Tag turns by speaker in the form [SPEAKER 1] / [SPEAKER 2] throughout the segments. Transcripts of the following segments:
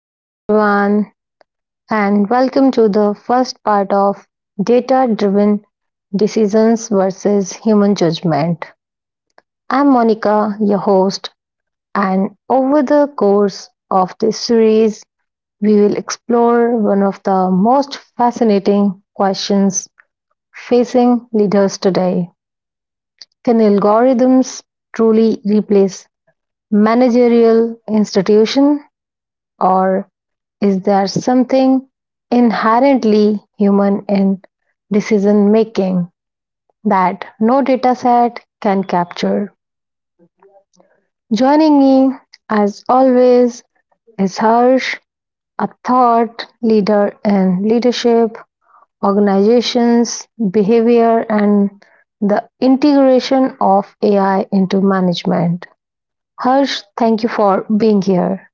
[SPEAKER 1] Hello, everyone, and welcome to the first part of Data Driven Decisions versus Human Judgment. I'm Monica, your host, and over the course of this series, we will explore one of the most fascinating questions facing leaders today. Can algorithms truly replace managerial institutions? Or is there something inherently human in decision making that no data set can capture? Joining me, as always, is Harsh, a thought leader in leadership, organizations, behavior, and the integration of AI into management. Harsh, thank you for being here.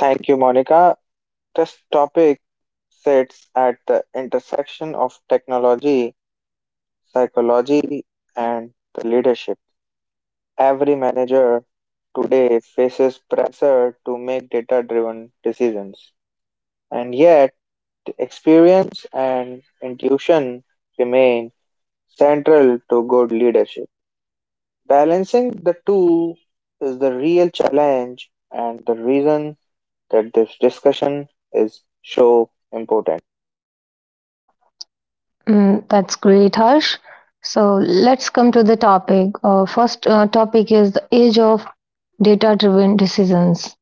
[SPEAKER 2] Thank you, Monica. This topic sits at the intersection of technology, psychology, and the leadership. Every manager today faces pressure to make data driven decisions, and yet experience and intuition remain central to good leadership. Balancing the two is the real challenge and the reason that this discussion is so important.
[SPEAKER 1] Mm, that's great, Harsh. So let's come to the topic. First, topic is the age of data-driven decisions.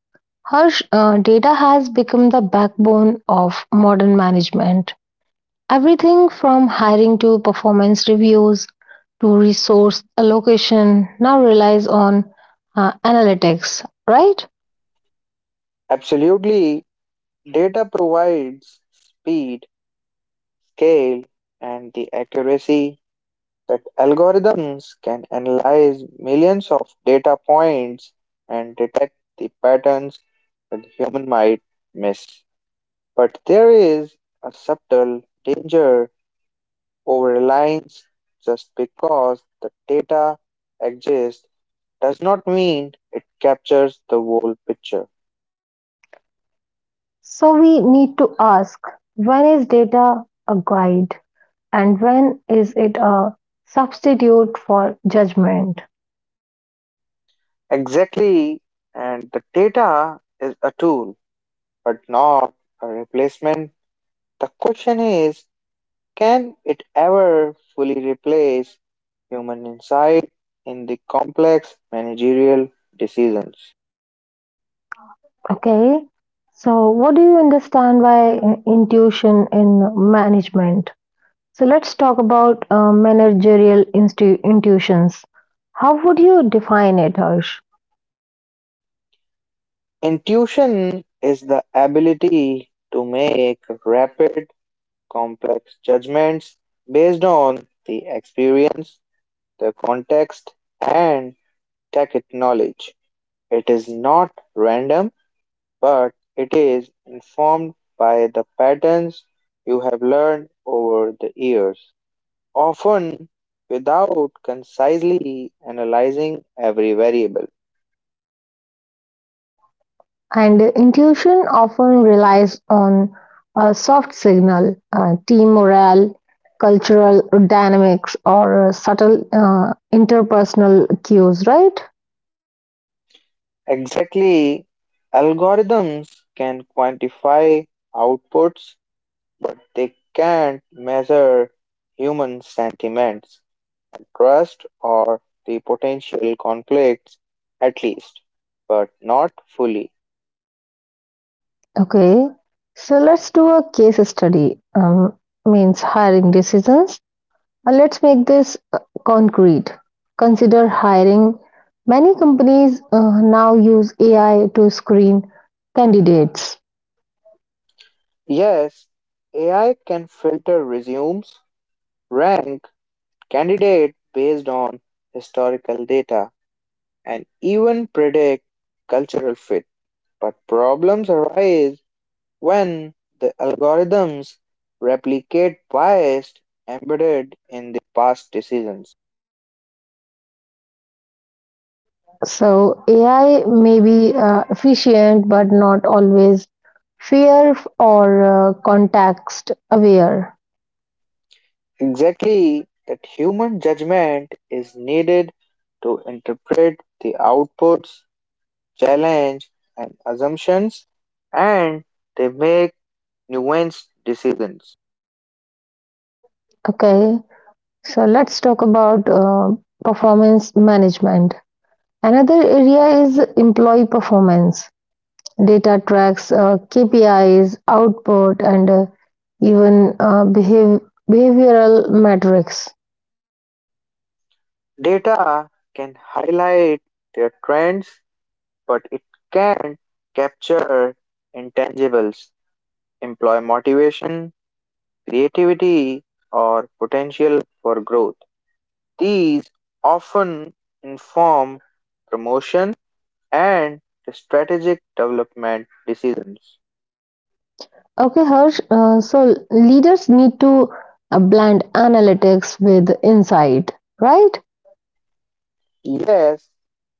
[SPEAKER 1] Harsh, data has become the backbone of modern management. Everything from hiring to performance reviews to resource allocation now relies on analytics, right?
[SPEAKER 2] Absolutely, data provides speed, scale, and the accuracy that algorithms can analyze millions of data points and detect the patterns that human might miss. But there is a subtle danger over reliance just because the data exists does not mean it captures the whole picture.
[SPEAKER 1] So we need to ask, when is data a guide and when is it a substitute for judgment?
[SPEAKER 2] Exactly. And the data is a tool, but not a replacement. The question is can it ever fully replace human insight in the complex managerial decisions?
[SPEAKER 1] Okay. So, what do you understand by intuition in management? So, let's talk about managerial intuitions. How would you define it, Harsh?
[SPEAKER 2] Intuition is the ability to make rapid, complex judgments based on the experience, the context, and tacit knowledge. It is not random but it is informed by the patterns you have learned over the years, often without concisely analyzing every variable.
[SPEAKER 1] And intuition often relies on a soft signal, team morale, cultural dynamics, or subtle interpersonal cues, right?
[SPEAKER 2] Exactly, algorithms can quantify outputs, but they can't measure human sentiments, trust, or the potential conflicts, at least, but not fully.
[SPEAKER 1] Okay, so let's do a case study. Means hiring decisions. Let's make this concrete. Consider hiring. Many companies now use AI to screen candidates.
[SPEAKER 2] Yes, AI can filter resumes, rank candidates based on historical data, and even predict cultural fit. But problems arise when the algorithms replicate bias embedded in the past decisions.
[SPEAKER 1] So AI may be efficient but not always fair or context aware.
[SPEAKER 2] Exactly that human judgment is needed to interpret the outputs, challenge, and assumptions, and they make nuanced decisions.
[SPEAKER 1] Okay, so let's talk about performance management. Another area is employee performance. Data tracks KPIs, output, and even behavioral metrics.
[SPEAKER 2] Data can highlight their trends, but it can't capture intangibles, employee motivation, creativity, or potential for growth. These often inform promotion and strategic development decisions.
[SPEAKER 1] Okay, Harsh. So leaders need to blend analytics with insight, right?
[SPEAKER 2] Yes,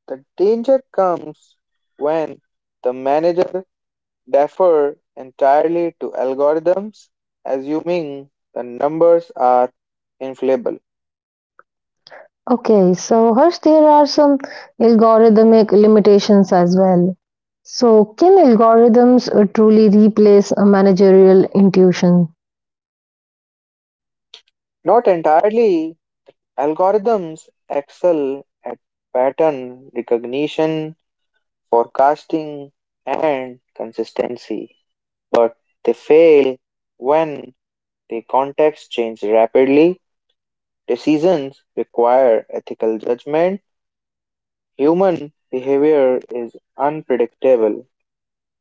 [SPEAKER 2] the danger comes when the manager defer entirely to algorithms, assuming the numbers are infallible.
[SPEAKER 1] Okay, so Harsh, there are some algorithmic limitations as well. So, can algorithms truly replace a managerial intuition?
[SPEAKER 2] Not entirely, algorithms excel at pattern recognition, forecasting, and consistency, but they fail when the context changes rapidly. Decisions require ethical judgment. Human behavior is unpredictable.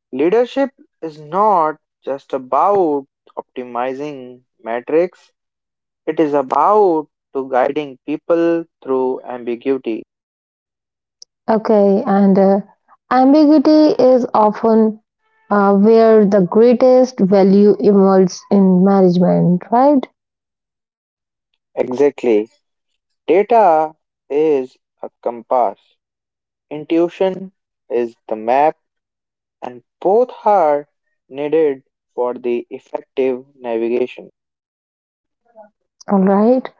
[SPEAKER 2] Leadership is not just about optimizing metrics, it is about to guiding people through ambiguity.
[SPEAKER 1] Okay, and ambiguity is often where the greatest value emerges in management, right?
[SPEAKER 2] Exactly. Data is a compass. Intuition is the map and both are needed for the effective navigation.
[SPEAKER 1] All right.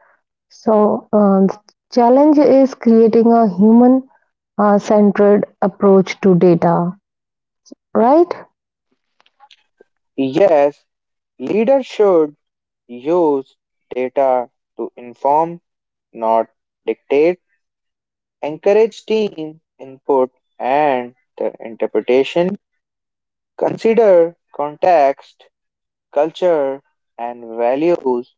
[SPEAKER 1] So, the challenge is creating a human centered approach to data, right?
[SPEAKER 2] Yes, leaders should use data to inform, not dictate encourage team input and the interpretation, consider context, culture, and values,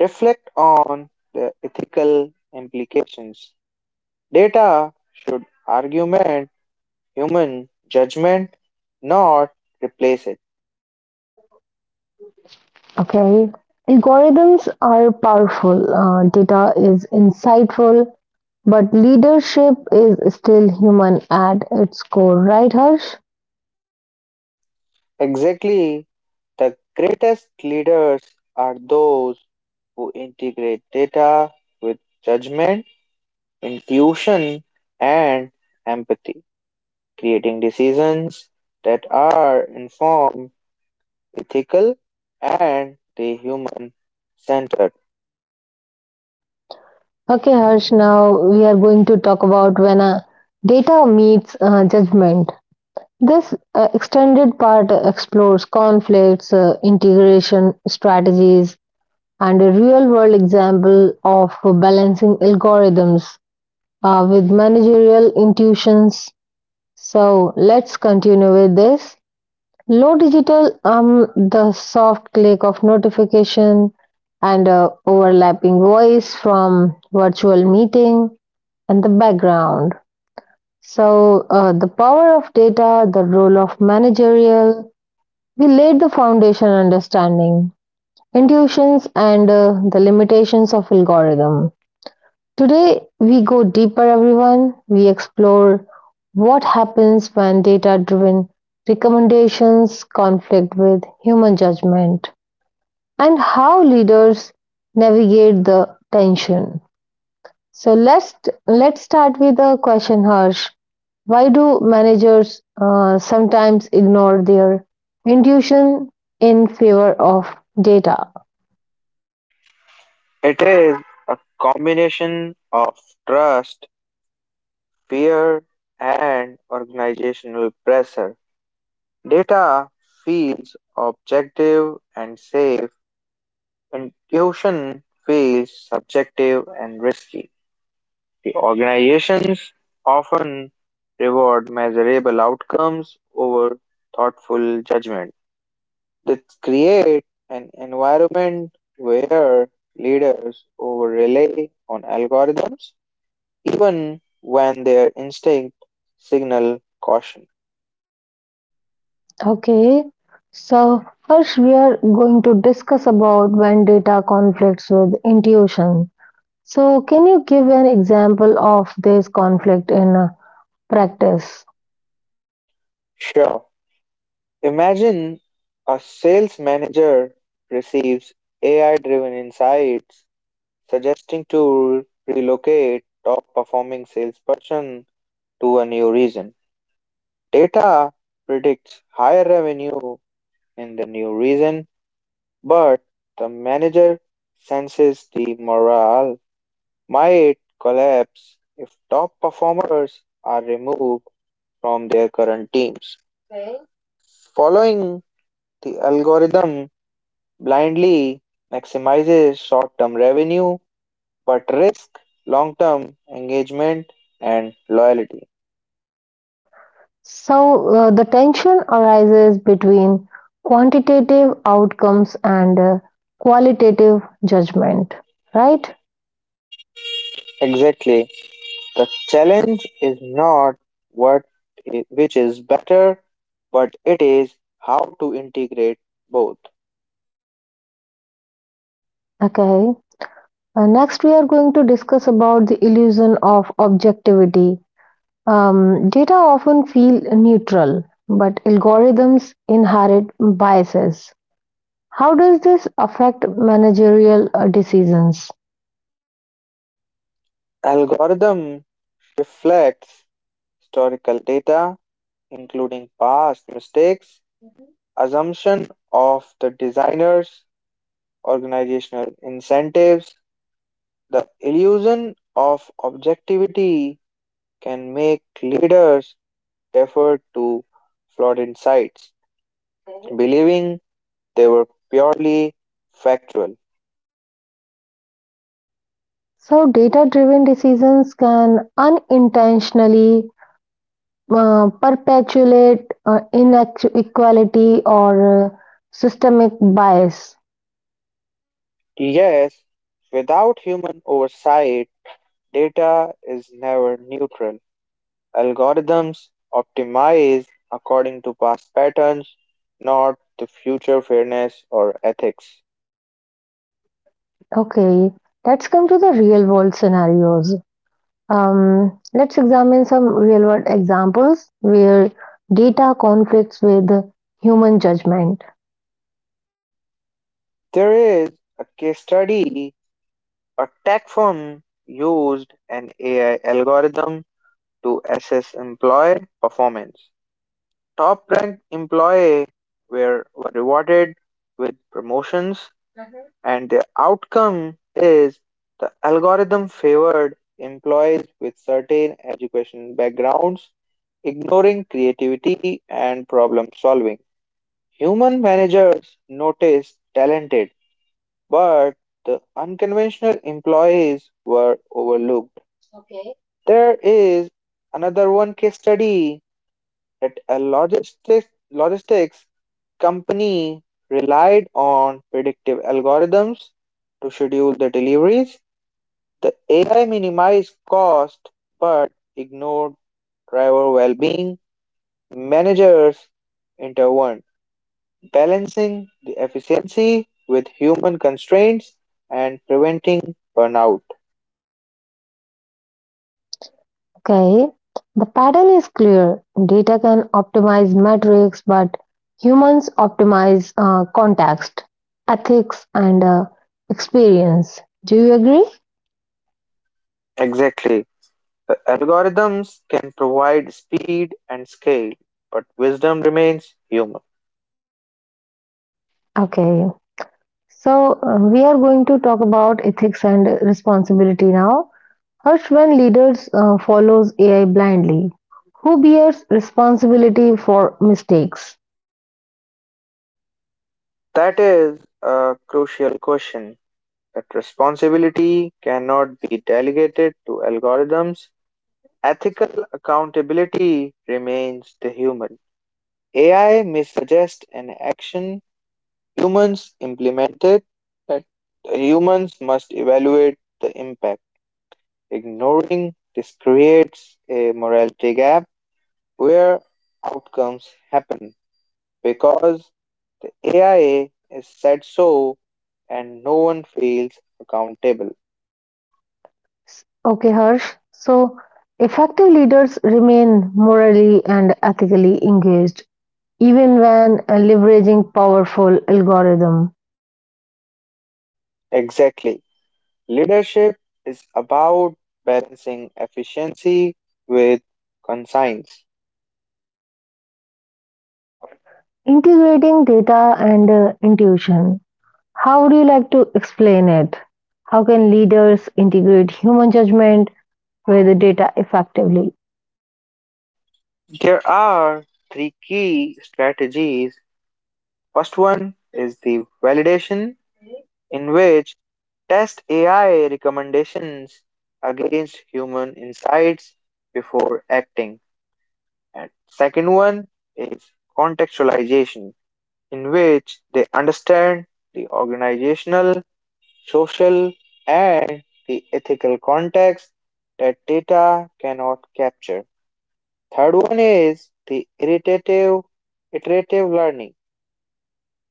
[SPEAKER 2] reflect on the ethical implications. Data should argument human judgment, not replace it.
[SPEAKER 1] Okay. Algorithms are powerful, data is insightful, but leadership is still human at its core, right, Harsh?
[SPEAKER 2] Exactly, the greatest leaders are those who integrate data with judgment, intuition, and empathy, creating decisions that are informed, ethical, and the human centered.
[SPEAKER 1] Okay, Harsh, now we are going to talk about when data meets judgment. This extended part explores conflicts, integration strategies, and a real world example of balancing algorithms with managerial intuitions. So let's continue with this. Low digital, the soft click of notification and overlapping voice from virtual meeting and the background. So, the power of data, the role of managerial, we laid the foundation understanding, intuitions, and the limitations of algorithm. Today, we go deeper, everyone. We explore what happens when data driven recommendations conflict with human judgment and how leaders navigate the tension. So let's start with a question, Harsh. Why do managers sometimes ignore their intuition in favor of data?
[SPEAKER 2] It is a combination of trust, fear, and organizational pressure. Data feels objective and safe. Intuition feels subjective and risky. The organizations often reward measurable outcomes over thoughtful judgment. Let's create an environment where leaders over rely on algorithms even when their instinct signal caution.
[SPEAKER 1] Okay, so Harsh, we are going to discuss about when data conflicts with intuition. So, can you give an example of this conflict in practice?
[SPEAKER 2] Sure. Imagine a sales manager receives AI driven insights suggesting to relocate top performing salesperson to a new region. Data predicts higher revenue in the new region. But the manager senses the morale might collapse if top performers are removed from their current teams. Following the algorithm blindly maximizes short term revenue but risks long term engagement and loyalty.
[SPEAKER 1] So the tension arises between quantitative outcomes and qualitative judgment, right?
[SPEAKER 2] Exactly. The challenge is not what which is better, but it is how to integrate both.
[SPEAKER 1] Okay. Next, we are going to discuss about the illusion of objectivity. Data often feel neutral, but algorithms inherit biases. How does this affect managerial decisions?
[SPEAKER 2] Algorithm reflects historical data, including past mistakes, assumption of the designers, organizational incentives. The illusion of objectivity can make leaders defer to flawed insights, believing they were purely factual.
[SPEAKER 1] So, data driven decisions can unintentionally perpetuate inequality or systemic bias.
[SPEAKER 2] Yes, without human oversight, data is never neutral. Algorithms optimize according to past patterns, not to future fairness or ethics.
[SPEAKER 1] Okay, let's come to the real world scenarios. Let's examine some real world examples where data conflicts with human judgment.
[SPEAKER 2] There is a case study. A tech firm used an AI algorithm to assess employee performance. Top ranked employees were rewarded with promotions, mm-hmm, and the outcome is the algorithm favored employees with certain education backgrounds ignoring creativity and problem solving. Human managers noticed talented, but the unconventional employees were overlooked. There is another one case study that a logistics company relied on predictive algorithms to schedule the deliveries. The AI minimized cost but ignored driver well being. Managers intervened balancing the efficiency with human constraints and preventing burnout.
[SPEAKER 1] Okay, the pattern is clear data can optimize metrics, but humans optimize context, ethics, and experience. Do you agree?
[SPEAKER 2] Exactly. The algorithms can provide speed and scale, but wisdom remains human.
[SPEAKER 1] Okay. So, we are going to talk about ethics and responsibility now. First, when leaders follows AI blindly, who bears responsibility for mistakes?
[SPEAKER 2] That is a crucial question that responsibility cannot be delegated to algorithms. Ethical accountability remains the human. AI may suggest an action. Humans implemented that, humans must evaluate the impact. Ignoring this creates a morality gap where outcomes happen because the AIA is said so and no one feels accountable.
[SPEAKER 1] Okay, Harsh. So, effective leaders remain morally and ethically engaged even when leveraging powerful algorithm,
[SPEAKER 2] Exactly. Leadership is about balancing efficiency with conscience.
[SPEAKER 1] integrating data and intuition. How would you like to explain it? How can leaders integrate human judgment with the data effectively.
[SPEAKER 2] There are three key strategies. First one is the validation, in which test AI recommendations against human insights before acting. And second one is contextualization, in which they understand the organizational, social, and the ethical context that data cannot capture. Third one is the iterative learning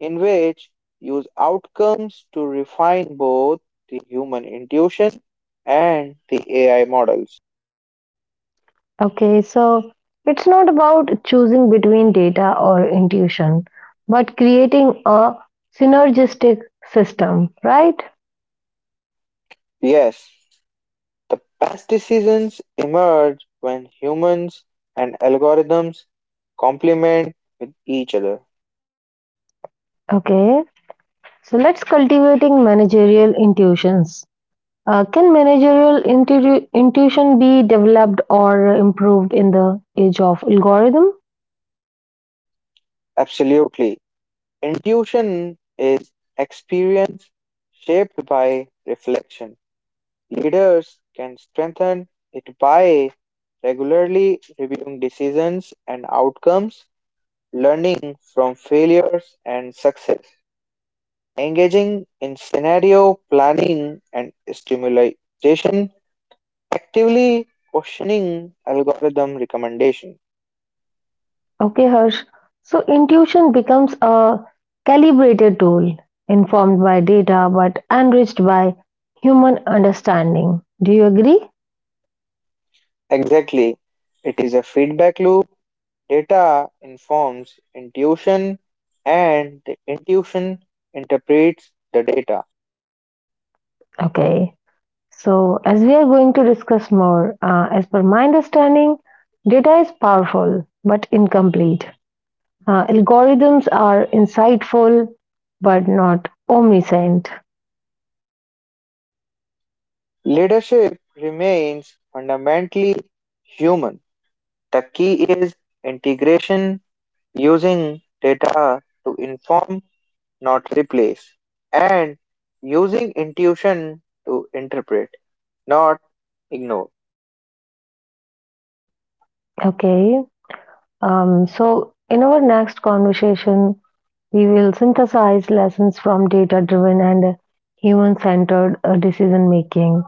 [SPEAKER 2] in which use outcomes to refine both the human intuition and the AI models.
[SPEAKER 1] Okay, so it's not about choosing between data or intuition, but creating a synergistic system, right?
[SPEAKER 2] Yes, the best decisions emerge when humans and algorithms complement with each other.
[SPEAKER 1] Okay, so let's cultivating managerial intuitions. Can managerial intuition be developed or improved in the age of algorithm?
[SPEAKER 2] Absolutely. Intuition is experience shaped by reflection. Leaders can strengthen it by regularly reviewing decisions and outcomes learning from failures and success, engaging in scenario planning and stimulation, actively questioning algorithm recommendation.
[SPEAKER 1] Okay, Harsh. So intuition becomes a calibrated tool, informed by data but enriched by human understanding. Do you agree?
[SPEAKER 2] Exactly. It is a feedback loop. Data informs intuition and the intuition interprets the data.
[SPEAKER 1] Okay. So, as we are going to discuss more, as per my understanding, data is powerful but incomplete. Algorithms are insightful but not omniscient.
[SPEAKER 2] Leadership remains fundamentally human. The key is integration using data to inform not replace, and using intuition to interpret, not ignore.
[SPEAKER 1] Okay. So, in our next conversation, we will synthesize lessons from data driven and human centered decision making,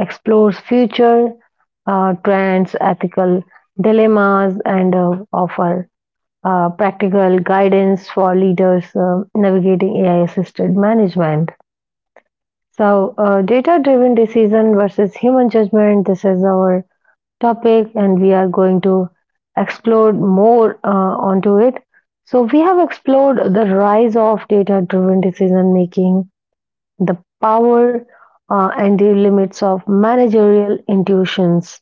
[SPEAKER 1] explores future trends, ethical dilemmas, and offer practical guidance for leaders navigating AI assisted management. So, data driven decision versus human judgment, this is our topic and we are going to explore more onto it. So, we have explored the rise of data driven decision making, the power and the limits of managerial intuitions,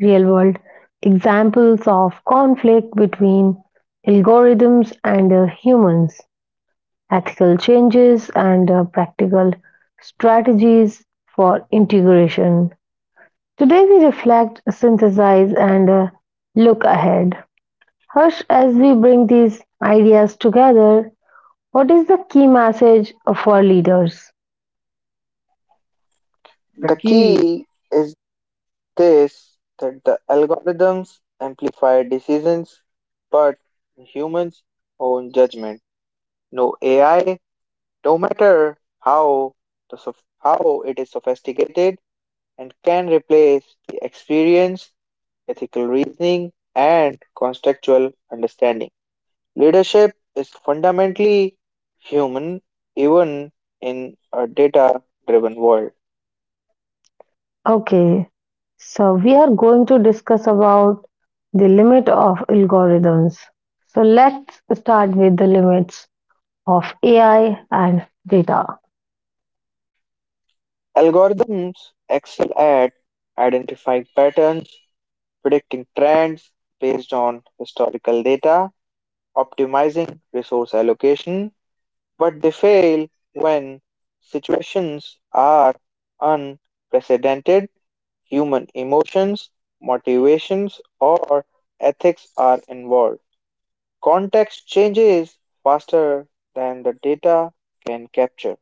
[SPEAKER 1] real world examples of conflict between algorithms and humans, ethical changes, and practical strategies for integration. Today we reflect, synthesize, and look ahead. Harsh, as we bring these ideas together, what is the key message of our leaders?
[SPEAKER 2] The key is this that the algorithms amplify decisions, but humans own judgment. No AI, no matter how it is sophisticated and can replace the experience, ethical reasoning, and contextual understanding. Leadership is fundamentally human, even in a data driven world.
[SPEAKER 1] Okay, so we are going to discuss about the limit of algorithms. So let's start with the limits of AI and data.
[SPEAKER 2] Algorithms excel at identifying patterns, predicting trends based on historical data, optimizing resource allocation, but they fail when situations are unprecedented, human emotions, motivations, or ethics are involved. Context changes faster than the data can capture.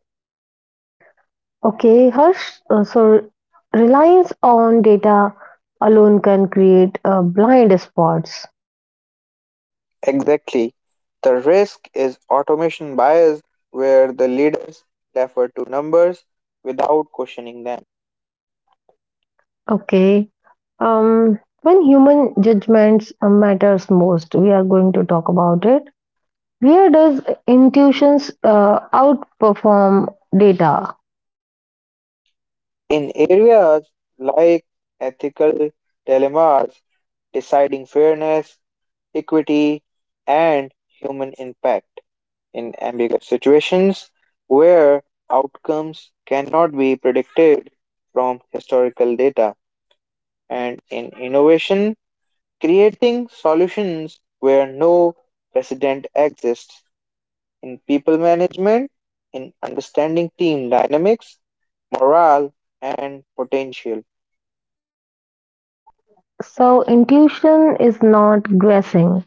[SPEAKER 1] Okay, Harsh, so reliance on data alone can create blind spots.
[SPEAKER 2] Exactly. The risk is automation bias, where the leaders defer to numbers without questioning them.
[SPEAKER 1] Okay. When human judgments matters most, we are going to talk about it. Where does intuitions outperform data?
[SPEAKER 2] In areas like ethical dilemmas, deciding fairness, equity, and human impact. In ambiguous situations where outcomes cannot be predicted from historical data, and in innovation, creating solutions where no precedent exists in people management, in understanding team dynamics, morale, and potential.
[SPEAKER 1] So intuition is not guessing.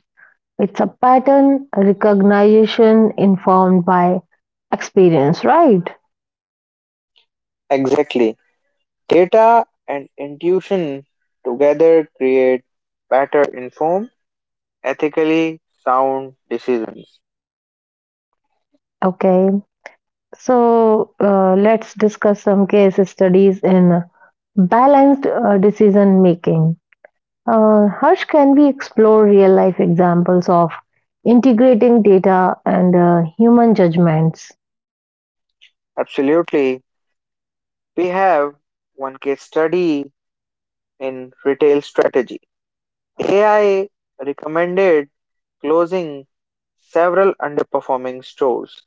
[SPEAKER 1] It's a pattern recognition informed by experience, right?
[SPEAKER 2] Exactly. Data and intuition together create better informed, ethically sound decisions.
[SPEAKER 1] Okay. So let's discuss some case studies in balanced decision making. Harsh, can we explore real life examples of integrating data and human judgments?
[SPEAKER 2] Absolutely. We have one case study in retail strategy. AI recommended closing several underperforming stores.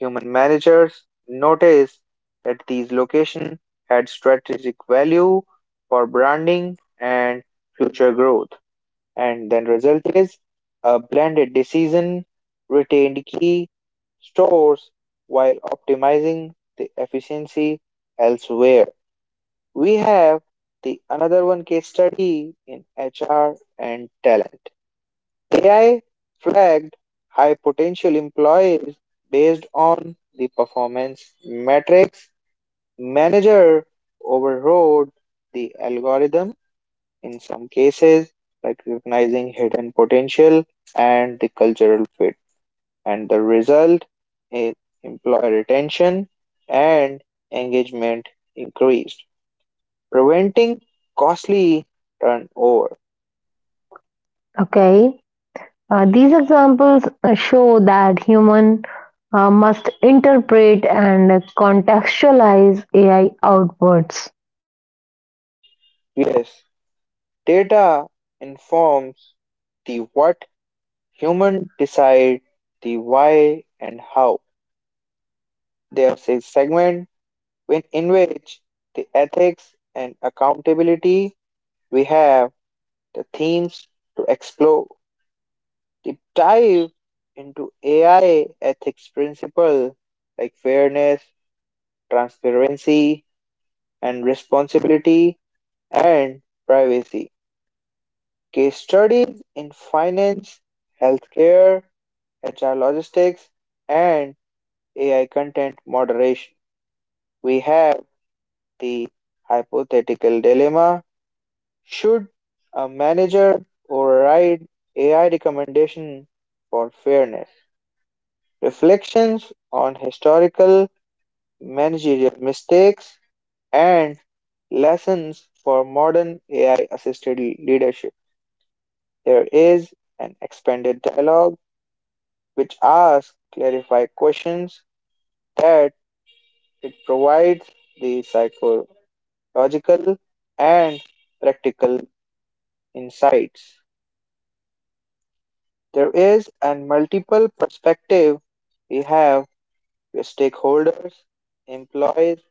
[SPEAKER 2] Human managers noticed that these locations had strategic value for branding and future growth. And then result is a blended decision retained key stores while optimizing the efficiency elsewhere. We have the another one case study in HR and talent. AI flagged high potential employees based on the performance metrics. Manager overrode the algorithm in some cases, like recognizing hidden potential and the cultural fit. And the result is employee retention and engagement increased, preventing costly turnover.
[SPEAKER 1] Okay, these examples show that human must interpret and contextualize AI outputs.
[SPEAKER 2] Yes, data informs the what. Humans decide the why and how. There's a segment when, in which the ethics and accountability we have the themes to explore. Deep dive into AI ethics principle like fairness, transparency, and responsibility and privacy. Case studies in finance, healthcare, HR logistics, and AI content moderation. We have the hypothetical dilemma should a manager override AI recommendation for fairness? Reflections on historical managerial mistakes and lessons for modern AI assisted leadership. There is an expanded dialogue which asks clarify questions that it provides the psychological and practical insights. There is and multiple perspective we have with stakeholders, employees,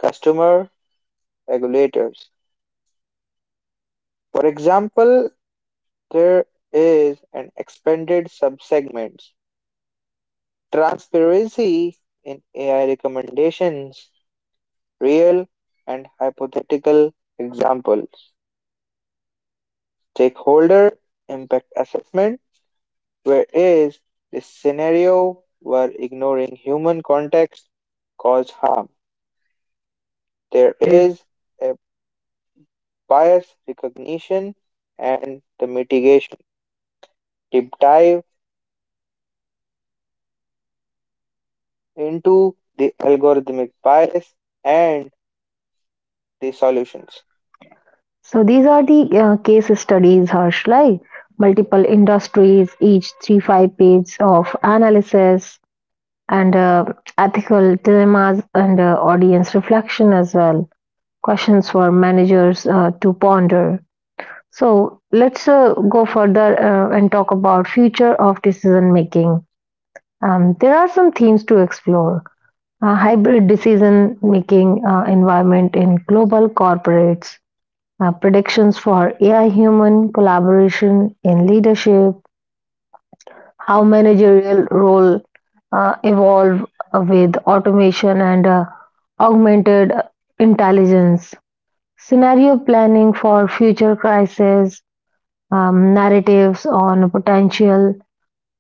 [SPEAKER 2] customer, regulators. For example, there is an expanded subsegments transparency in AI recommendations, real and hypothetical examples, stakeholder impact assessment, where is the scenario where ignoring human context caused harm. There is a bias recognition and the mitigation. Deep dive into the algorithmic bias and the solutions.
[SPEAKER 1] So these are the case studies, Harsh, like multiple industries, each 3-5 page of analysis and ethical dilemmas and audience reflection as well questions for managers to ponder. So let's go further and talk about future of decision making. There are some themes to explore. Hybrid decision making environment in global corporates, predictions for AI human collaboration in leadership, how managerial role evolve with automation and augmented intelligence. Scenario planning for future crises, narratives on potential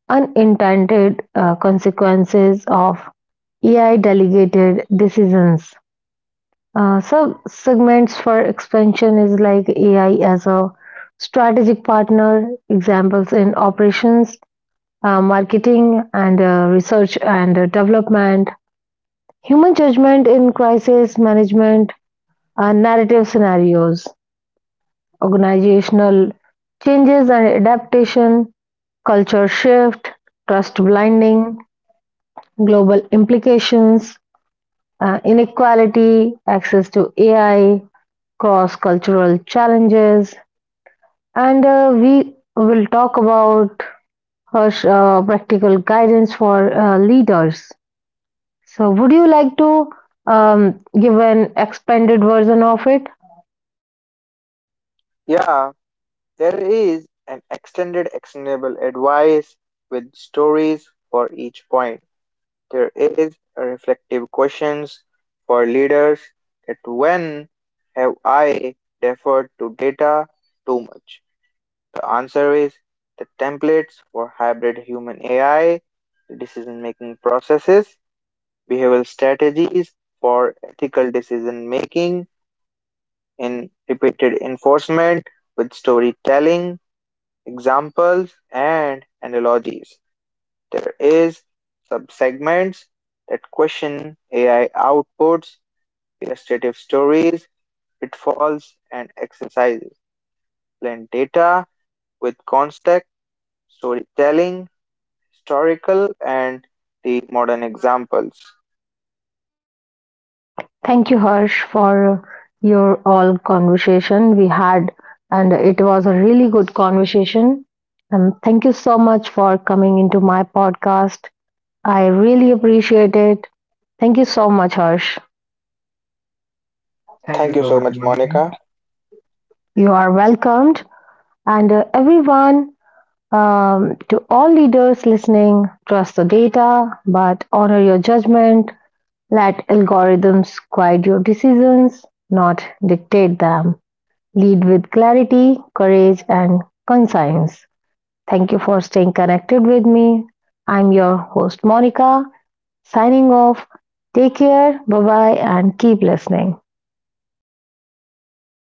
[SPEAKER 1] unintended consequences of AI delegated decisions. So segments for expansion is like AI as a strategic partner, examples in operations, marketing, and research and development, human judgment in crisis management, narrative scenarios. Organizational changes and adaptation, culture shift, trust blinding, global implications, inequality, access to AI, cross cultural challenges, and we will talk about Harsh, practical guidance for leaders. So, would you like to give an expanded version of it?
[SPEAKER 2] Yeah, there is an extended actionable advice with stories for each point. There is a reflective questions for leaders that when have I deferred to data too much? The answer is the templates for hybrid human AI decision making processes, behavioral strategies for ethical decision making, in repeated enforcement with storytelling, examples, and analogies. There is subsegments that question AI outputs, illustrative stories, pitfalls, and exercises. Blend data with context, storytelling, historical, and the modern examples.
[SPEAKER 1] Thank you, Harsh, for your all conversation we had, and it was a really good conversation. And thank you so much for coming into my podcast. I really appreciate it. Thank you so much, Harsh.
[SPEAKER 2] Thank you so much, Monica.
[SPEAKER 1] You are welcomed. And everyone, to all leaders listening, trust the data, but honor your judgment. Let algorithms guide your decisions, not dictate them. Lead with clarity, courage, and conscience. Thank you for staying connected with me. I'm your host, Monica, signing off. Take care, bye bye, and keep listening.